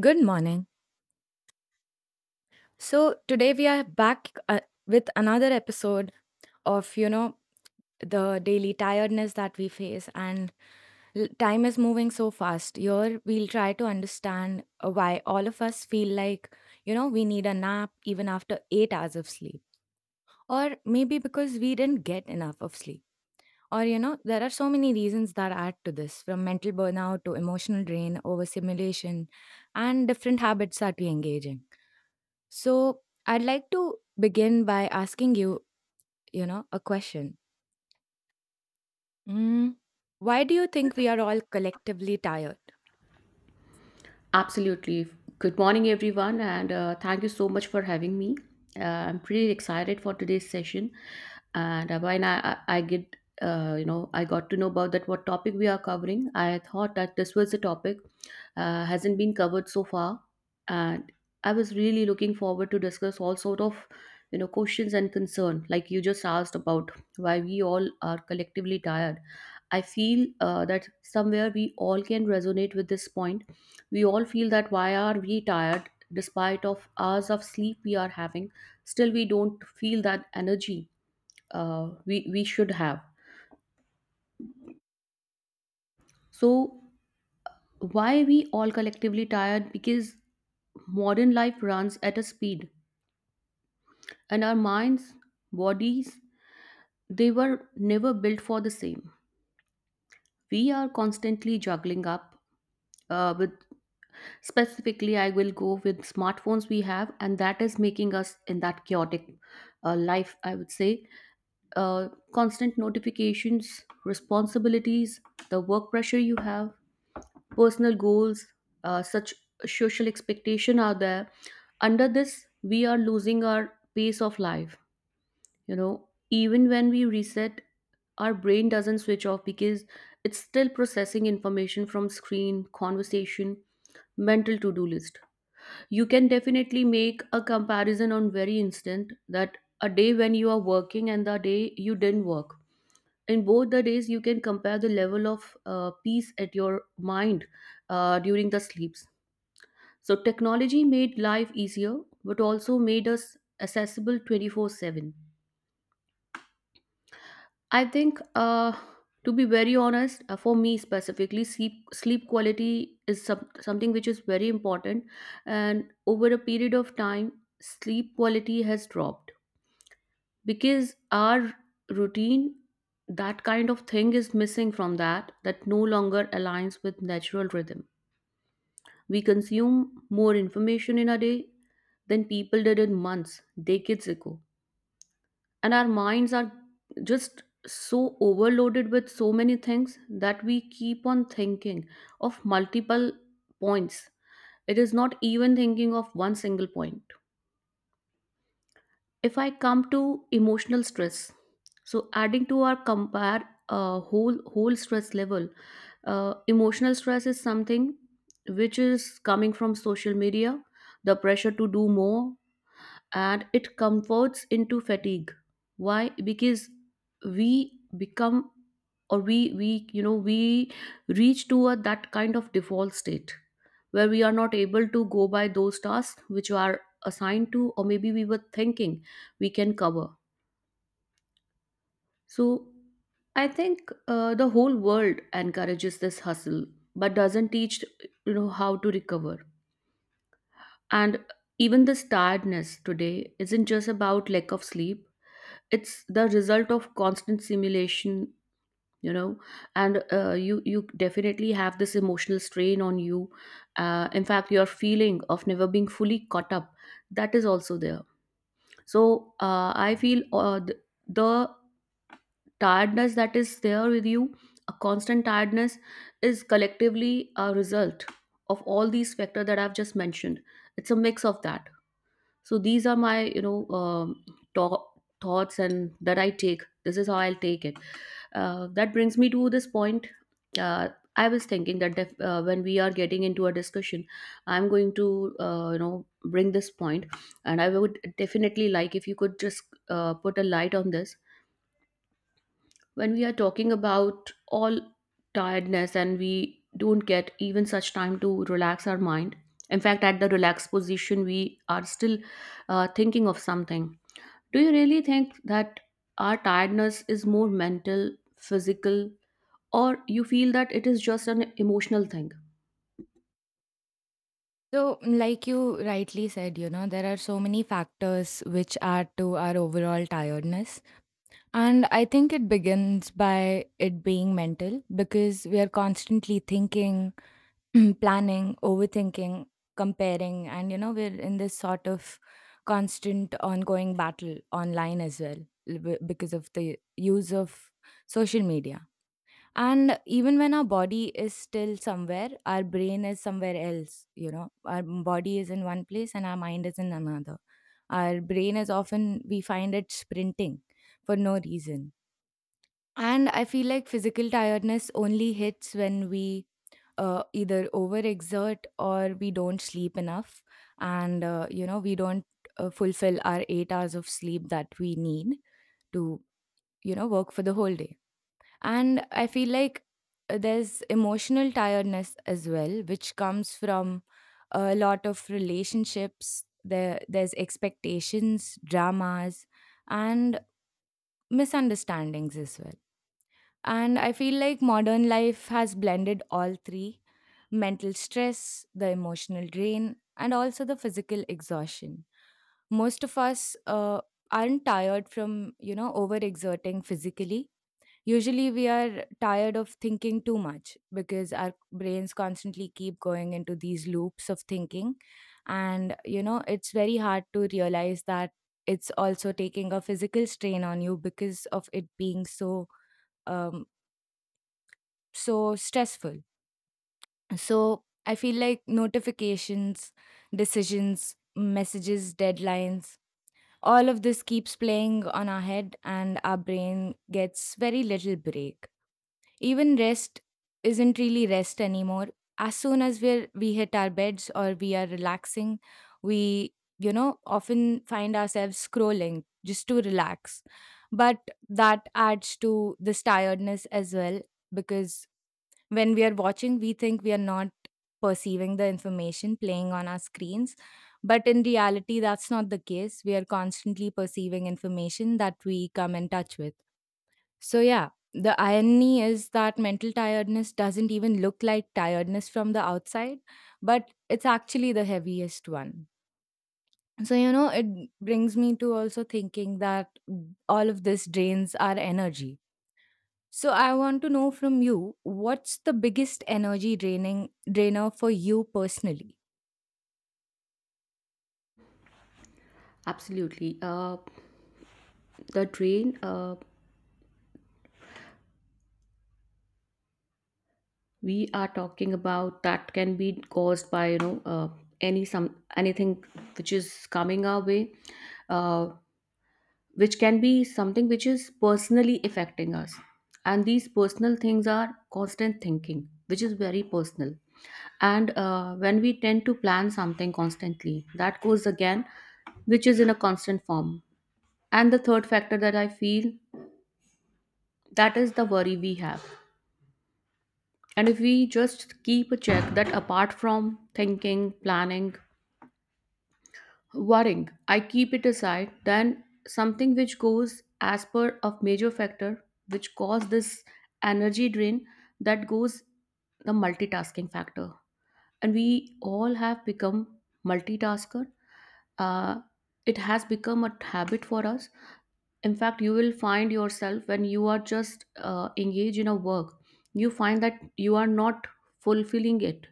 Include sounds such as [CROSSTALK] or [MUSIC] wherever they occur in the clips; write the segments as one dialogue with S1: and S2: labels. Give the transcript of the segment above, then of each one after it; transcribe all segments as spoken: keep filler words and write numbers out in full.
S1: Good morning. So Today we are back uh, with another episode of you know the daily tiredness that we face. And l- time is moving so fast. Here we'll try to understand uh, why all of us feel like you know we need a nap even after eight hours of sleep, or maybe because we didn't get enough of sleep. Or you know, there are so many reasons that add to this, from mental burnout to emotional drain, overstimulation, and different habits that we engage in. So I'd like to begin by asking you, you know, a question. Mm, why do you think we are all collectively tired?
S2: Absolutely. Good morning, everyone, and uh, thank you so much for having me. Uh, I'm pretty excited for today's session, and uh, when I, I I get uh, you know I got to know about that what topic we are covering, I thought that this was a topic uh, hasn't been covered so far, and I was really looking forward to discuss all sort of you know questions and concern like you just asked about why we all are collectively tired. I feel uh, that somewhere we all can resonate with this point. We all feel that why are we tired despite of hours of sleep we are having? Still, we don't feel that energy uh, we we should have. So why we all collectively tired? Because modern life runs at a speed, and our minds, bodies, they were never built for the same. We are constantly juggling up uh, with, specifically, I will go with smartphones we have, and that is making us in that chaotic uh, life, I would say. uh, Constant notifications, responsibilities, the work pressure you have, personal goals, uh, such social expectation are there. Under this, we are losing our pace of life. You know, even when we reset, our brain doesn't switch off because it's still processing information from screen conversation, mental to-do list. You can definitely make a comparison on very instant that a day when you are working and the day you didn't work, in both the days you can compare the level of uh, peace at your mind uh, during the sleeps. So technology made life easier but also made us accessible twenty-four seven. I think, uh, to be very honest, uh, for me specifically, sleep sleep quality is some, something which is very important, and over a period of time, sleep quality has dropped because our routine, that kind of thing, is missing from that. That no longer aligns with natural rhythm. We consume more information in a day than people did in months, decades ago, and our minds are just so overloaded with so many things that we keep on thinking of multiple points. It is not even thinking of one single point. If I come to emotional stress, so adding to our compare uh, whole whole stress level, uh, emotional stress is something which is coming from social media, the pressure to do more, and it converts into fatigue. Why? Because we become, or we we you know we reach to a that kind of default state where we are not able to go by those tasks which are assigned to, or maybe we were thinking we can cover. So I think uh, the whole world encourages this hustle but doesn't teach, you know how to recover. And even this tiredness today isn't just about lack of sleep, it's the result of constant simulation, you know. And uh, you you definitely have this emotional strain on you, uh, in fact your feeling of never being fully caught up, that is also there. So uh, I feel uh, the, the tiredness that is there with you, a constant tiredness, is collectively a result of all these factors that I've just mentioned. It's a mix of that. So these are my you know um, to- thoughts, and that I take, this is how I'll take it. Uh, that brings me to this point. Uh, I was thinking that def- uh, when we are getting into a discussion, I'm going to uh, you know bring this point, and I would definitely like if you could just uh, put a light on this. When we are talking about all tiredness and we don't get even such time to relax our mind. In fact, at the relaxed position, we are still uh, thinking of something. Do you really think that our tiredness is more mental, physical, or you feel that it is just an emotional thing?
S1: So, like you rightly said, you know, there are so many factors which add to our overall tiredness. And I think it begins by it being mental because we are constantly thinking, [CLEARS THROAT] planning, overthinking, comparing, and you know, we're in this sort of constant ongoing battle online as well l- b- because of the use of social media. And even when our body is still somewhere, our brain is somewhere else. You know, our m- body is in one place and our mind is in another. Our brain is often, we find it sprinting for no reason. And I feel like physical tiredness only hits when we uh, either overexert or we don't sleep enough, and uh, you know, we don't uh, fulfill our eight hours of sleep that we need to, you know, work for the whole day. And I feel like uh, there's emotional tiredness as well, which comes from a lot of relationships. There there's expectations, dramas, and misunderstandings as well. And I feel like modern life has blended all three: mental stress, the emotional drain, and also the physical exhaustion. Most of us uh, aren't tired from, you know, overexerting physically. Usually we are tired of thinking too much because our brains constantly keep going into these loops of thinking. And, you know, it's very hard to realize that it's also taking a physical strain on you because of it being so um, so stressful. So I feel like notifications, decisions, messages, deadlines, all of this keeps playing on our head, and our brain gets very little break. Even rest isn't really rest anymore. As soon as we're we hit our beds or we are relaxing, we, you know, often find ourselves scrolling just to relax. But that adds to this tiredness as well, because when we are watching, we think we are not perceiving the information playing on our screens, but in reality that's not the case. We are constantly perceiving information that we come in touch with. So yeah, the irony is that mental tiredness doesn't even look like tiredness from the outside, but it's actually the heaviest one. So you know, it brings me to also thinking that all of this drains our energy. So I want to know from you, what's the biggest energy draining drainer for you personally?
S2: Absolutely. Uh, the drain uh, we are talking about, that can be caused by, you know uh, any some anything which is coming our way, uh, which can be something which is personally affecting us. And these personal things are constant thinking which is very personal, and uh, when we tend to plan something constantly, that goes again, which is in a constant form. And the third factor that I feel, that is the worry we have. And if we just keep a check that apart from thinking, planning, worrying, I keep it aside, then something which goes as per a major factor which cause this energy drain, that goes the multitasking factor. And we all have become multitasker. uh, it has become a habit for us. In fact you will find yourself when you are just uh, engaged in a work, you find that you are not fulfilling it.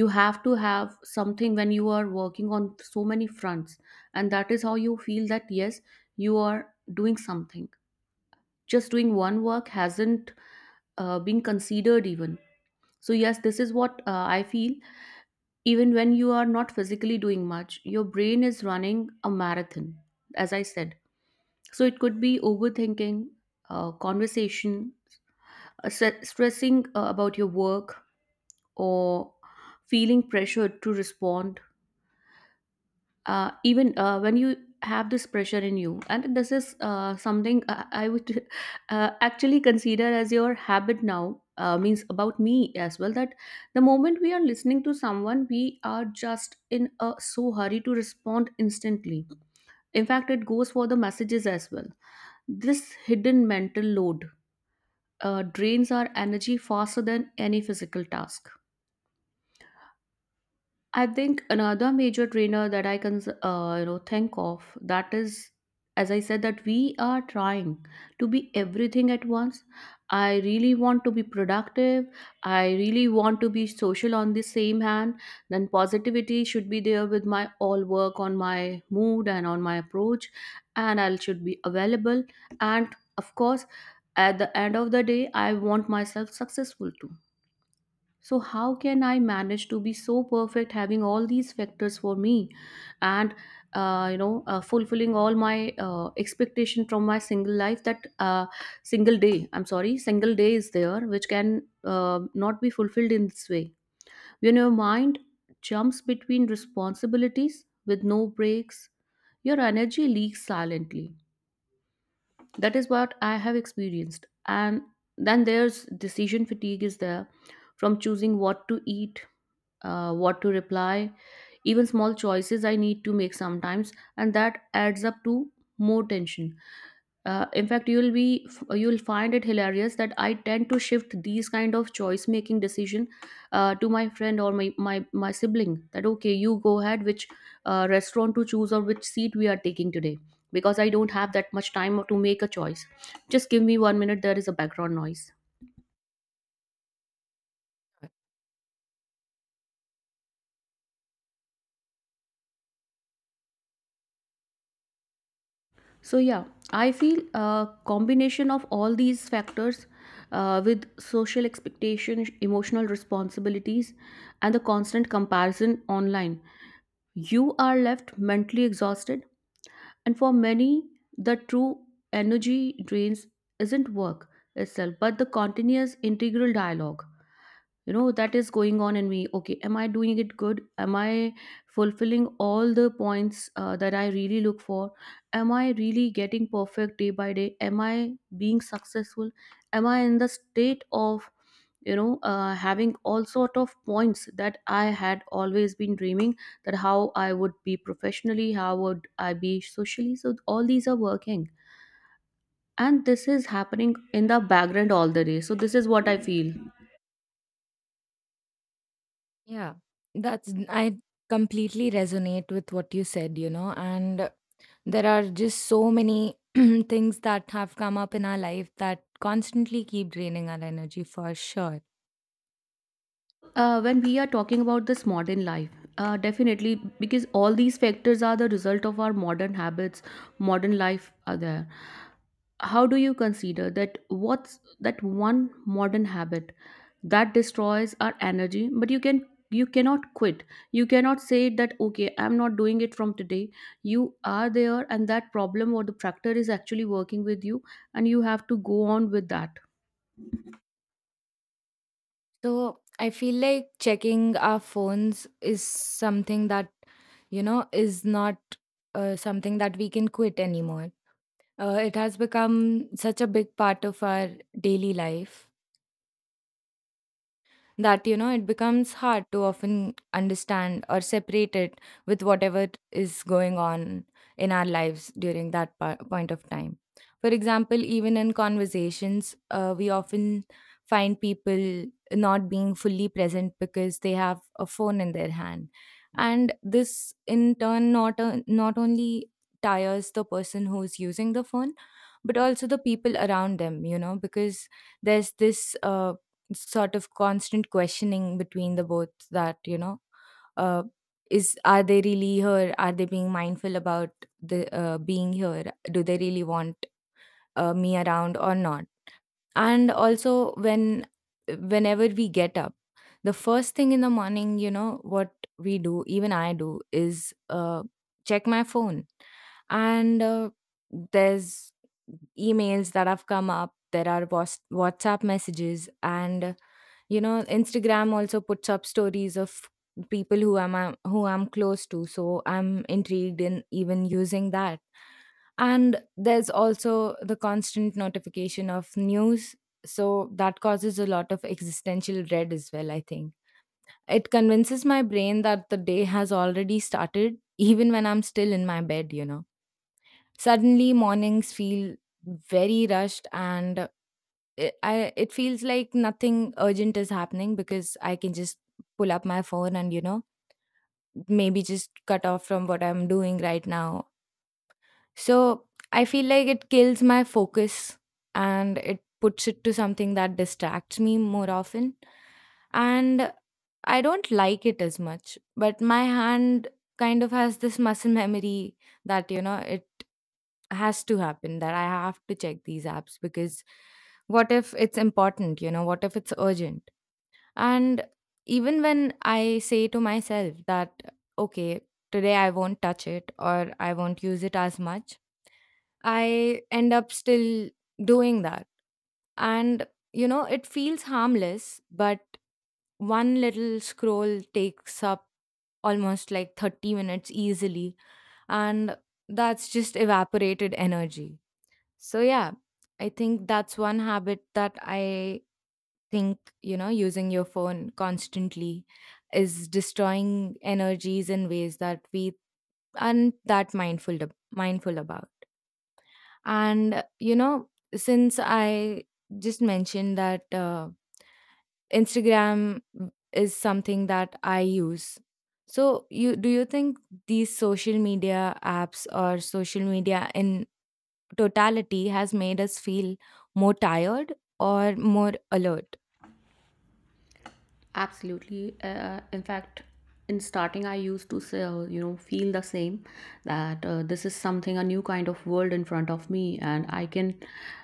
S2: You have to have something when you are working on so many fronts, and that is how you feel that yes, you are doing something. Just doing one work hasn't uh, been considered even. So yes, this is what uh, I feel. Even when you are not physically doing much, your brain is running a marathon, as I said. So it could be overthinking, uh, conversation, uh, stre- stressing uh, about your work, or feeling pressured to respond. Uh, even uh, when you have this pressure in you, and this is uh, something I, I would [LAUGHS] uh, actually consider as your habit now. Uh, means about me as well, that the moment we are listening to someone, we are just in a so hurry to respond instantly. In fact it goes for the messages as well. This hidden mental load uh, drains our energy faster than any physical task. I think another major drainer that I can uh, you know think of, that is, as I said, that we are trying to be everything at once. I really want to be productive. I really want to be social on the same hand. Then positivity should be there with my all work on my mood and on my approach, and I should be available. And of course, at the end of the day, I want myself successful too. So, how can I manage to be so perfect having all these factors for me and, uh, you know, uh, fulfilling all my uh, expectation from my single life that uh, single day, I'm sorry, single day is there, which can uh, not be fulfilled in this way. When your mind jumps between responsibilities with no breaks, your energy leaks silently. That is what I have experienced. And then there's decision fatigue is there, from choosing what to eat, uh, what to reply, even small choices I need to make sometimes, and that adds up to more tension. Uh, in fact you'll be you'll find it hilarious that I tend to shift these kind of choice making decision uh, to my friend or my, my my sibling, that okay, you go ahead, which uh, restaurant to choose or which seat we are taking today, because I don't have that much time to make a choice. Just give me one minute, there is a background noise. So yeah, I feel a combination of all these factors, uh, with social expectations, emotional responsibilities, and the constant comparison online. You are left mentally exhausted, and for many, the true energy drains isn't work itself, but the continuous integral dialogue, you know, that is going on in me. Okay, am I doing it good, am I fulfilling all the points uh, that I really look for, am I really getting perfect day by day, am I being successful, am I in the state of you know uh, having all sort of points that I had always been dreaming, that how I would be professionally, how would I be socially, so all these are working, and this is happening in the background all the day, so this is what I feel.
S1: Yeah, that's, I completely resonate with what you said, you know. And there are just so many [CLEARS THROAT] things that have come up in our life that constantly keep draining our energy for sure.
S2: Uh, when we are talking about this modern life, uh, definitely because all these factors are the result of our modern habits, modern life are there. How do you consider that what's that one modern habit that destroys our energy, but you can you cannot quit. You cannot say that okay, I'm not doing it from today. You are there and that problem or the factor is actually working with you and you have to go on with that.
S1: So I feel like checking our phones is something that, you know, is not uh, something that we can quit anymore. Uh, it has become such a big part of our daily life that, you know, it becomes hard to often understand or separate it with whatever is going on in our lives during that pa- point of time. For example, even in conversations, uh, we often find people not being fully present because they have a phone in their hand. And this in turn not o- not only tires the person who's using the phone, but also the people around them, you know, because there's this uh, sort of constant questioning between the both, that you know, uh, is, are they really here? Are they being mindful about the, uh, being here? Do they really want uh, me around or not? And also when, whenever we get up, the first thing in the morning, you know what we do, even I do, is uh, check my phone. And uh, there's emails that have come up, there are Whats- whatsapp messages, and you know, Instagram also puts up stories of people who i'm I'm- who I'm close to, so I'm intrigued in even using that. And there's also the constant notification of news, so that causes a lot of existential dread as well, I think. It convinces my brain that the day has already started even when I'm still in my bed, you know. Suddenly mornings feel very rushed, and it, I, it feels like nothing urgent is happening because I can just pull up my phone and, you know, maybe just cut off from what I'm doing right now. So I feel like it kills my focus, and it puts it to something that distracts me more often. And I don't like it as much, but my hand kind of has this muscle memory that, you know, it has to happen, that I have to check these apps because what if it's important, you know, what if it's urgent? And even when I say to myself that, okay, today I won't touch it or I won't use it as much, I end up still doing that. And, you know, it feels harmless, but one little scroll takes up almost like thirty minutes easily. And that's just evaporated energy. So yeah, I think that's one habit that I think, you know, using your phone constantly is destroying energies in ways that we aren't that mindful ab- mindful about. And you know, since I just mentioned that uh, Instagram is something that I use, so you, do you think these social media apps or social media in totality has made us feel more tired or more alert?
S2: Absolutely. Uh, in fact, in starting, I used to say, uh, you know, feel the same, that uh, this is something a new kind of world in front of me, and I can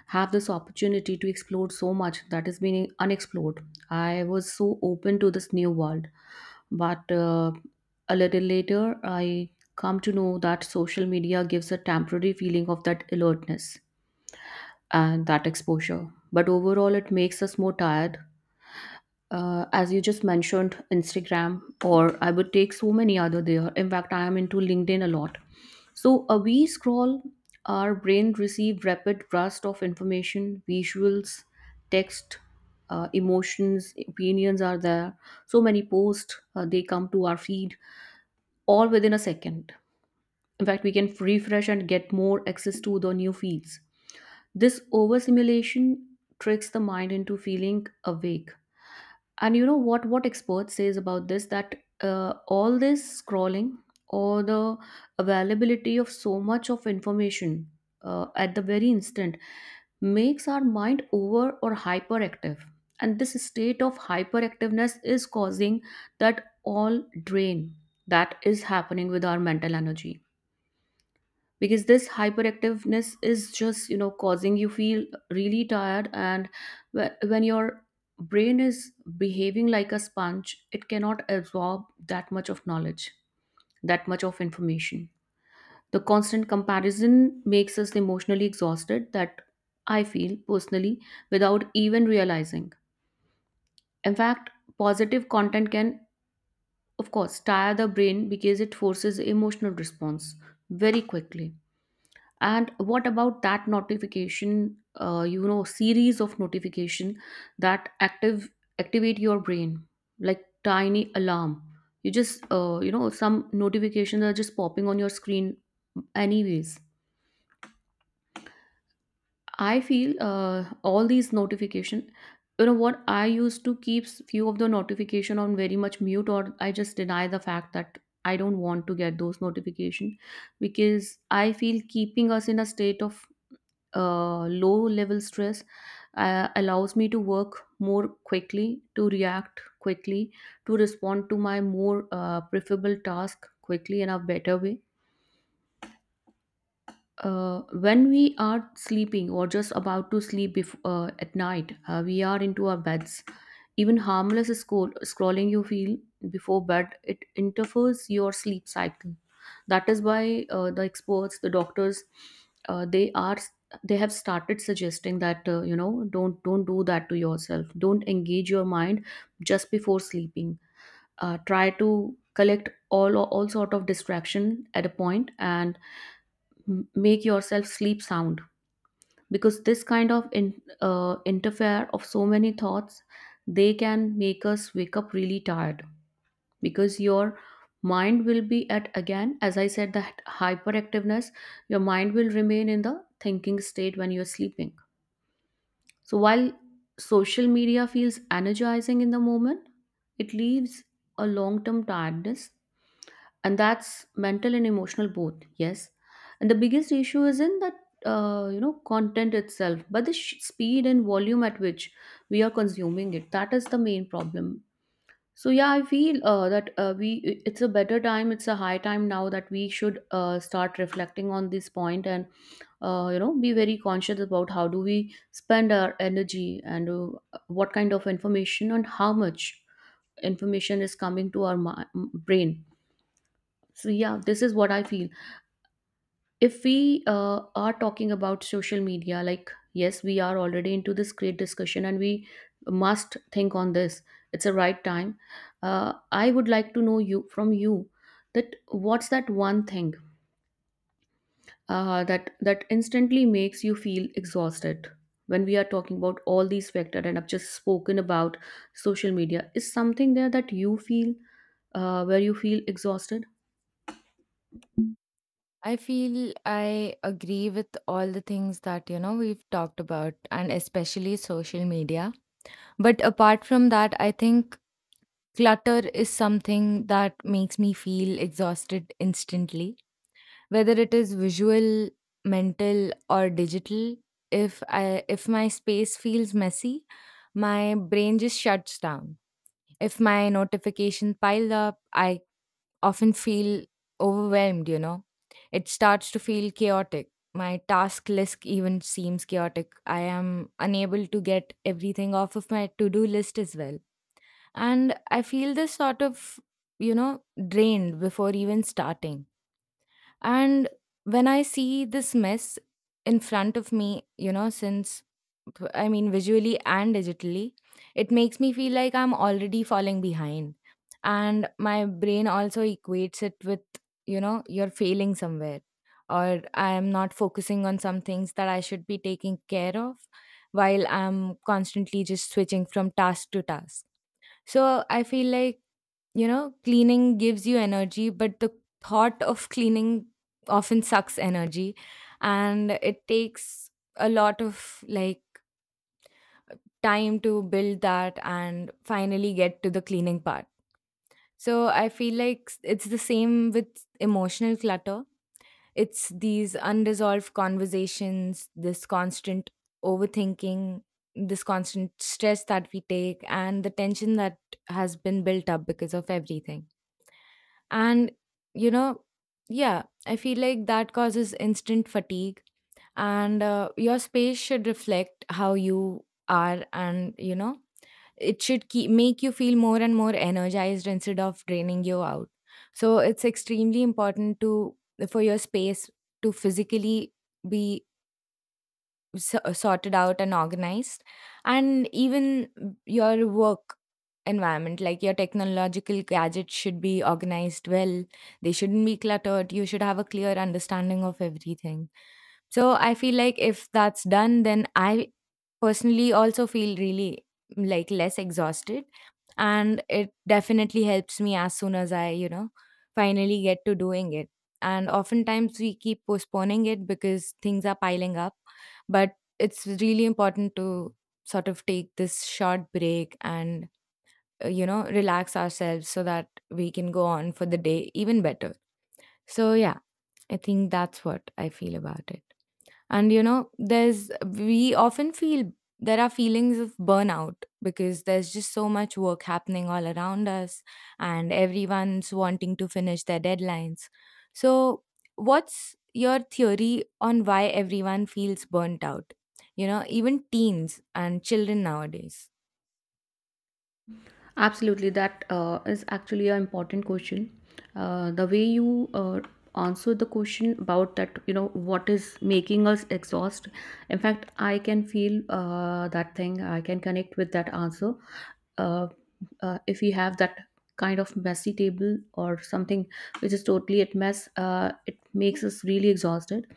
S2: have this opportunity to explore so much that is being unexplored. I was so open to this new world, but uh, a little later, I come to know that social media gives a temporary feeling of that alertness and that exposure, but overall, it makes us more tired uh, as you just mentioned Instagram, or I would take so many other. There, in fact, I am into LinkedIn a lot. So uh, we scroll, our brain receive rapid burst of information, visuals, text, uh, emotions, opinions are there. So many posts uh, they come to our feed all within a second. In fact, we can refresh and get more access to the new feeds. This overstimulation tricks the mind into feeling awake. And you know what what expert says about this, that uh, all this scrolling or the availability of so much of information uh, at the very instant makes our mind over or hyperactive. And this state of hyperactiveness is causing that all drain that is happening with our mental energy, because this hyperactiveness is just, you know, causing you feel really tired. And wh- when your brain is behaving like a sponge, it cannot absorb that much of knowledge, that much of information. The constant comparison makes us emotionally exhausted, that I feel personally, without even realizing. In fact, positive content can of course tire the brain because it forces emotional response very quickly. And what about that notification, uh, you know, series of notification that active activate your brain like tiny alarm. You just uh, you know, some notifications are just popping on your screen anyways. I feel uh, all these notification, you know what, I used to keep s- few of the notification on very much mute, or I just deny the fact that I don't want to get those notification, because I feel keeping us in a state of uh, low level stress uh, allows me to work more quickly, to react quickly, to respond to my more uh, preferable task quickly in a better way. Uh, when we are sleeping or just about to sleep, bef- uh, at night, uh, we are into our beds. Even harmless scroll- scrolling, you feel, before bed, it interferes your sleep cycle. That is why uh, the experts, the doctors, uh, they are they have started suggesting that uh, you know, don't don't do that to yourself. Don't engage your mind just before sleeping. Uh, try to collect all all sort of distraction at a point and m- make yourself sleep sound, because this kind of in, uh, interfere of so many thoughts, they can make us wake up really tired, because your mind will be at, again as I said, that hyperactiveness, your mind will remain in the thinking state when you're sleeping. So while social media feels energizing in the moment, it leaves a long term tiredness, and that's mental and emotional both, yes. And the biggest issue is in that, uh, you know, content itself, but the sh- speed and volume at which we are consuming it, that is the main problem. So yeah, I feel uh, that uh, we i- it's a better time, it's a high time now that we should uh, start reflecting on this point, and uh, you know, be very conscious about how do we spend our energy, and uh, what kind of information and how much information is coming to our mi- brain. So yeah, this is what I feel. If we uh, are talking about social media, like yes, we are already into this great discussion and we must think on this, it's a right time. uh, I would like to know you, from you, that what's that one thing uh, that that instantly makes you feel exhausted when we are talking about all these factors, and I've just spoken about social media is something there that you feel, uh, where you feel exhausted.
S1: I feel I agree with all the things that, you know, we've talked about, and especially social media. But apart from that, I think clutter is something that makes me feel exhausted instantly, whether it is visual, mental, or digital. If I if my space feels messy, my brain just shuts down. If my notification pile up, I often feel overwhelmed, you know. It starts to feel chaotic. My task list even seems chaotic. I am unable to get everything off of my to do list as well. And I feel this sort of, you know, drained before even starting. And when I see this mess in front of me, you know, since, I mean, visually and digitally, it makes me feel like I'm already falling behind. And my brain also equates it with, you know, you're failing somewhere, or I'm not focusing on some things that I should be taking care of, while I'm constantly just switching from task to task. So I feel like, you know, cleaning gives you energy, but the thought of cleaning often sucks energy. And it takes a lot of, like, time to build that and finally get to the cleaning part. So I feel like s- it's the same with emotional clutter. It's these unresolved conversations, this constant overthinking, this constant stress that we take, and the tension that has been built up because of everything. And, you know, yeah, I feel like that causes instant fatigue. And uh, your space should reflect how you are, and, you know, it should keep make you feel more and more energized instead of draining you out. So it's extremely important to, for your space to physically be so- sorted out and organized. And even your work environment, like your technological gadgets, should be organized well. They shouldn't be cluttered. You should have a clear understanding of everything. So I feel like if that's done, then I personally also feel really mm, like less exhausted. And it definitely helps me as soon as I, you know, finally get to doing it. And oftentimes we keep postponing it because things are piling up. But it's really important to sort of take this short break and, uh, you know, relax ourselves so that we can go on for the day even better. So yeah, I think that's what I feel about it. And you know, there's, we often feel there are feelings of burnout because there's just so much work happening all around us, and everyone's wanting to finish their deadlines. So what's your theory on why everyone feels burnt out, you know, even teens and children nowadays?
S2: Absolutely, that uh, is actually an important question. Uh, the way you uh, answer the question about that, you know, what is making us exhaust. In fact, I can feel uh, that thing. I can connect with that answer. Uh, uh, if we have that kind of messy table or something which is totally at mess, uh, it makes us really exhausted.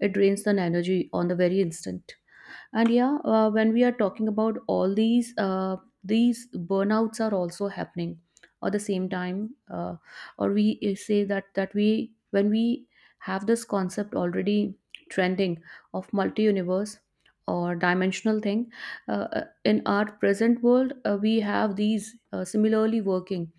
S2: It drains the energy on the very instant. And yeah, uh, when we are talking about all these, uh, these burnouts are also happening at the same time, uh, or we uh, say that that we when we have this concept already trending of multi universe or dimensional thing, uh, uh, in our present world, uh, we have these uh, similarly working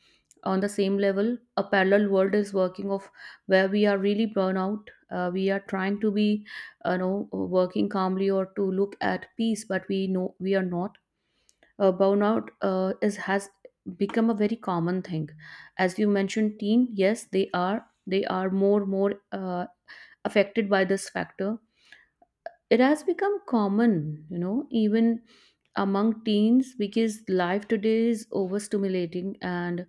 S2: on the same level, a parallel world is working of, where we are really burnout. Uh, we are trying to be, you know, uh, working calmly or to look at peace, but we know we are not. Uh, burnout uh, is has become a very common thing. As you mentioned teen, yes, they are, they are more more uh, affected by this factor. It has become common, you know, even among teens, because life today is overstimulating and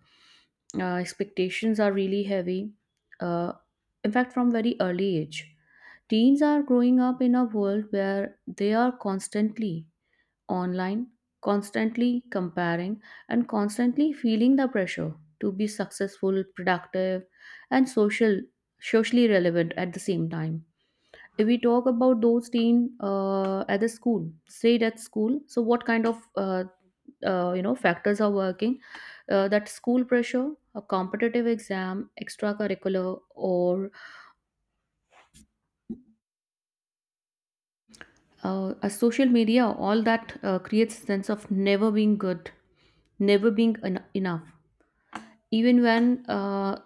S2: uh, expectations are really heavy, uh, in fact from very early age. Teens are growing up in a world where they are constantly online, constantly comparing, and constantly feeling the pressure to be successful, productive, and social socially relevant at the same time. If we talk about those teen uh, at the school, say at school, so what kind of uh, uh, you know, factors are working? Uh, that school pressure, a competitive exam, extracurricular, or uh, a social media, all that uh, creates sense of never being good, never being en- enough, even when uh,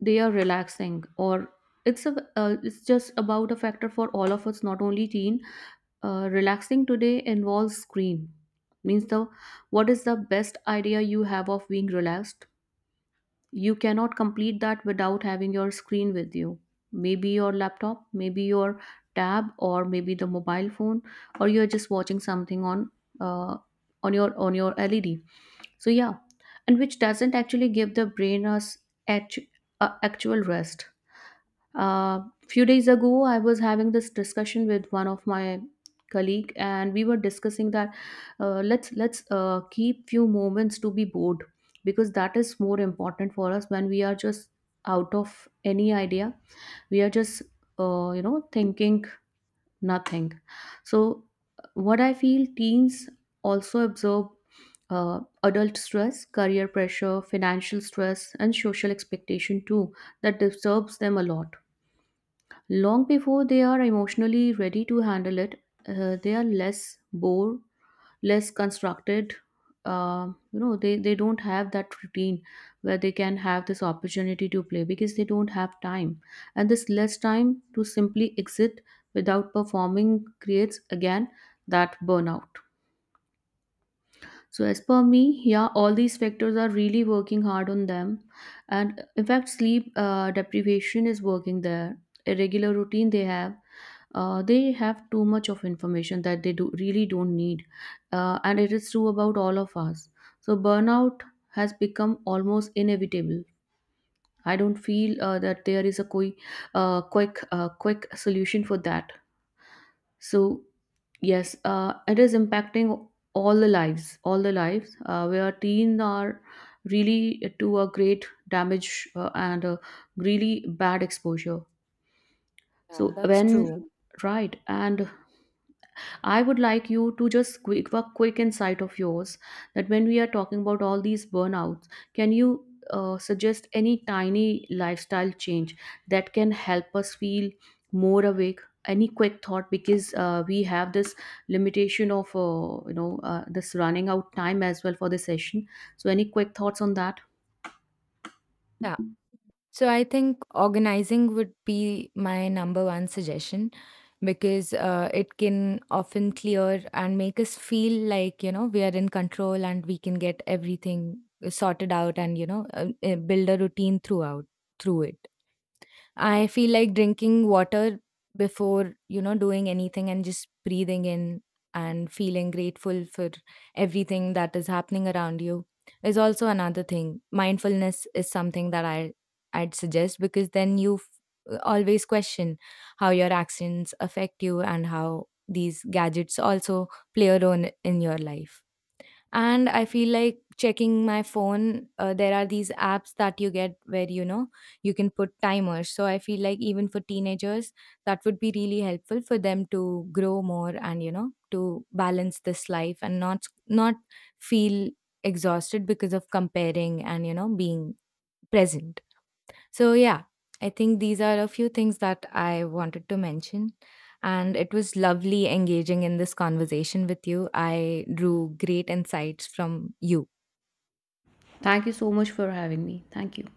S2: they are relaxing. Or it's a, uh, it's just about a factor for all of us, not only teen. Uh, relaxing today involves screen, means the, what is the best idea you have of being relaxed, you cannot complete that without having your screen with you. Maybe your laptop, maybe your tab, or maybe the mobile phone, or you're just watching something on uh, on your, on your LED. So yeah, and which doesn't actually give the brain us act uh, actual rest. A few days ago, I was having this discussion with one of my colleague, and we were discussing that, uh, let's let's uh, keep few moments to be bored, because that is more important for us when we are just out of any idea. We are just, uh, you know, thinking nothing. So what I feel, teens also absorb uh, adult stress, career pressure, financial stress, and social expectation too, that disturbs them a lot. Long before they are emotionally ready to handle it, uh, they are less bored, less constructed. Uh, you know, they, they don't have that routine where they can have this opportunity to play, because they don't have time. And this less time to simply exit without performing creates again that burnout. So as per me, yeah, all these factors are really working hard on them, and in fact, sleep uh, deprivation is working there. Irregular routine they have, uh, they have too much of information that they do really don't need, uh, and it is true about all of us. So burnout has become almost inevitable. I don't feel uh, that there is a quick, uh, quick, uh, quick solution for that. So yes, uh, it is impacting all the lives, all the lives uh, where teens are really to a great damage uh, and a really bad exposure.
S1: Yeah,
S2: So
S1: that's
S2: when,
S1: true.
S2: right, and I would like you to just quick a quick insight of yours, that when we are talking about all these burnouts, can you uh, suggest any tiny lifestyle change that can help us feel more awake? Any quick thought, because uh, we have this limitation of, uh, you know, uh, this running out time as well for the session. So any quick thoughts on that?
S1: So I think organizing would be my number one suggestion because uh, it can often clear and make us feel like, you know, we are in control and we can get everything uh, sorted out, and, you know, uh, uh, build a routine throughout through it. I feel like drinking water before, you know, doing anything, and just breathing in and feeling grateful for everything that is happening around you is also another thing. Mindfulness is something that I I'd suggest, because then you f- always question how your actions affect you and how these gadgets also play a role in your life. And I feel like checking my phone, uh, there are these apps that you get where, you know, you can put timers. So I feel like even for teenagers, that would be really helpful for them to grow more, and you know, to balance this life and not not feel exhausted because of comparing and, you know, being present. So, yeah, I think these are a few things that I wanted to mention. And it was lovely engaging in this conversation with you. I drew great insights from you.
S2: Thank you so much for having me. Thank you.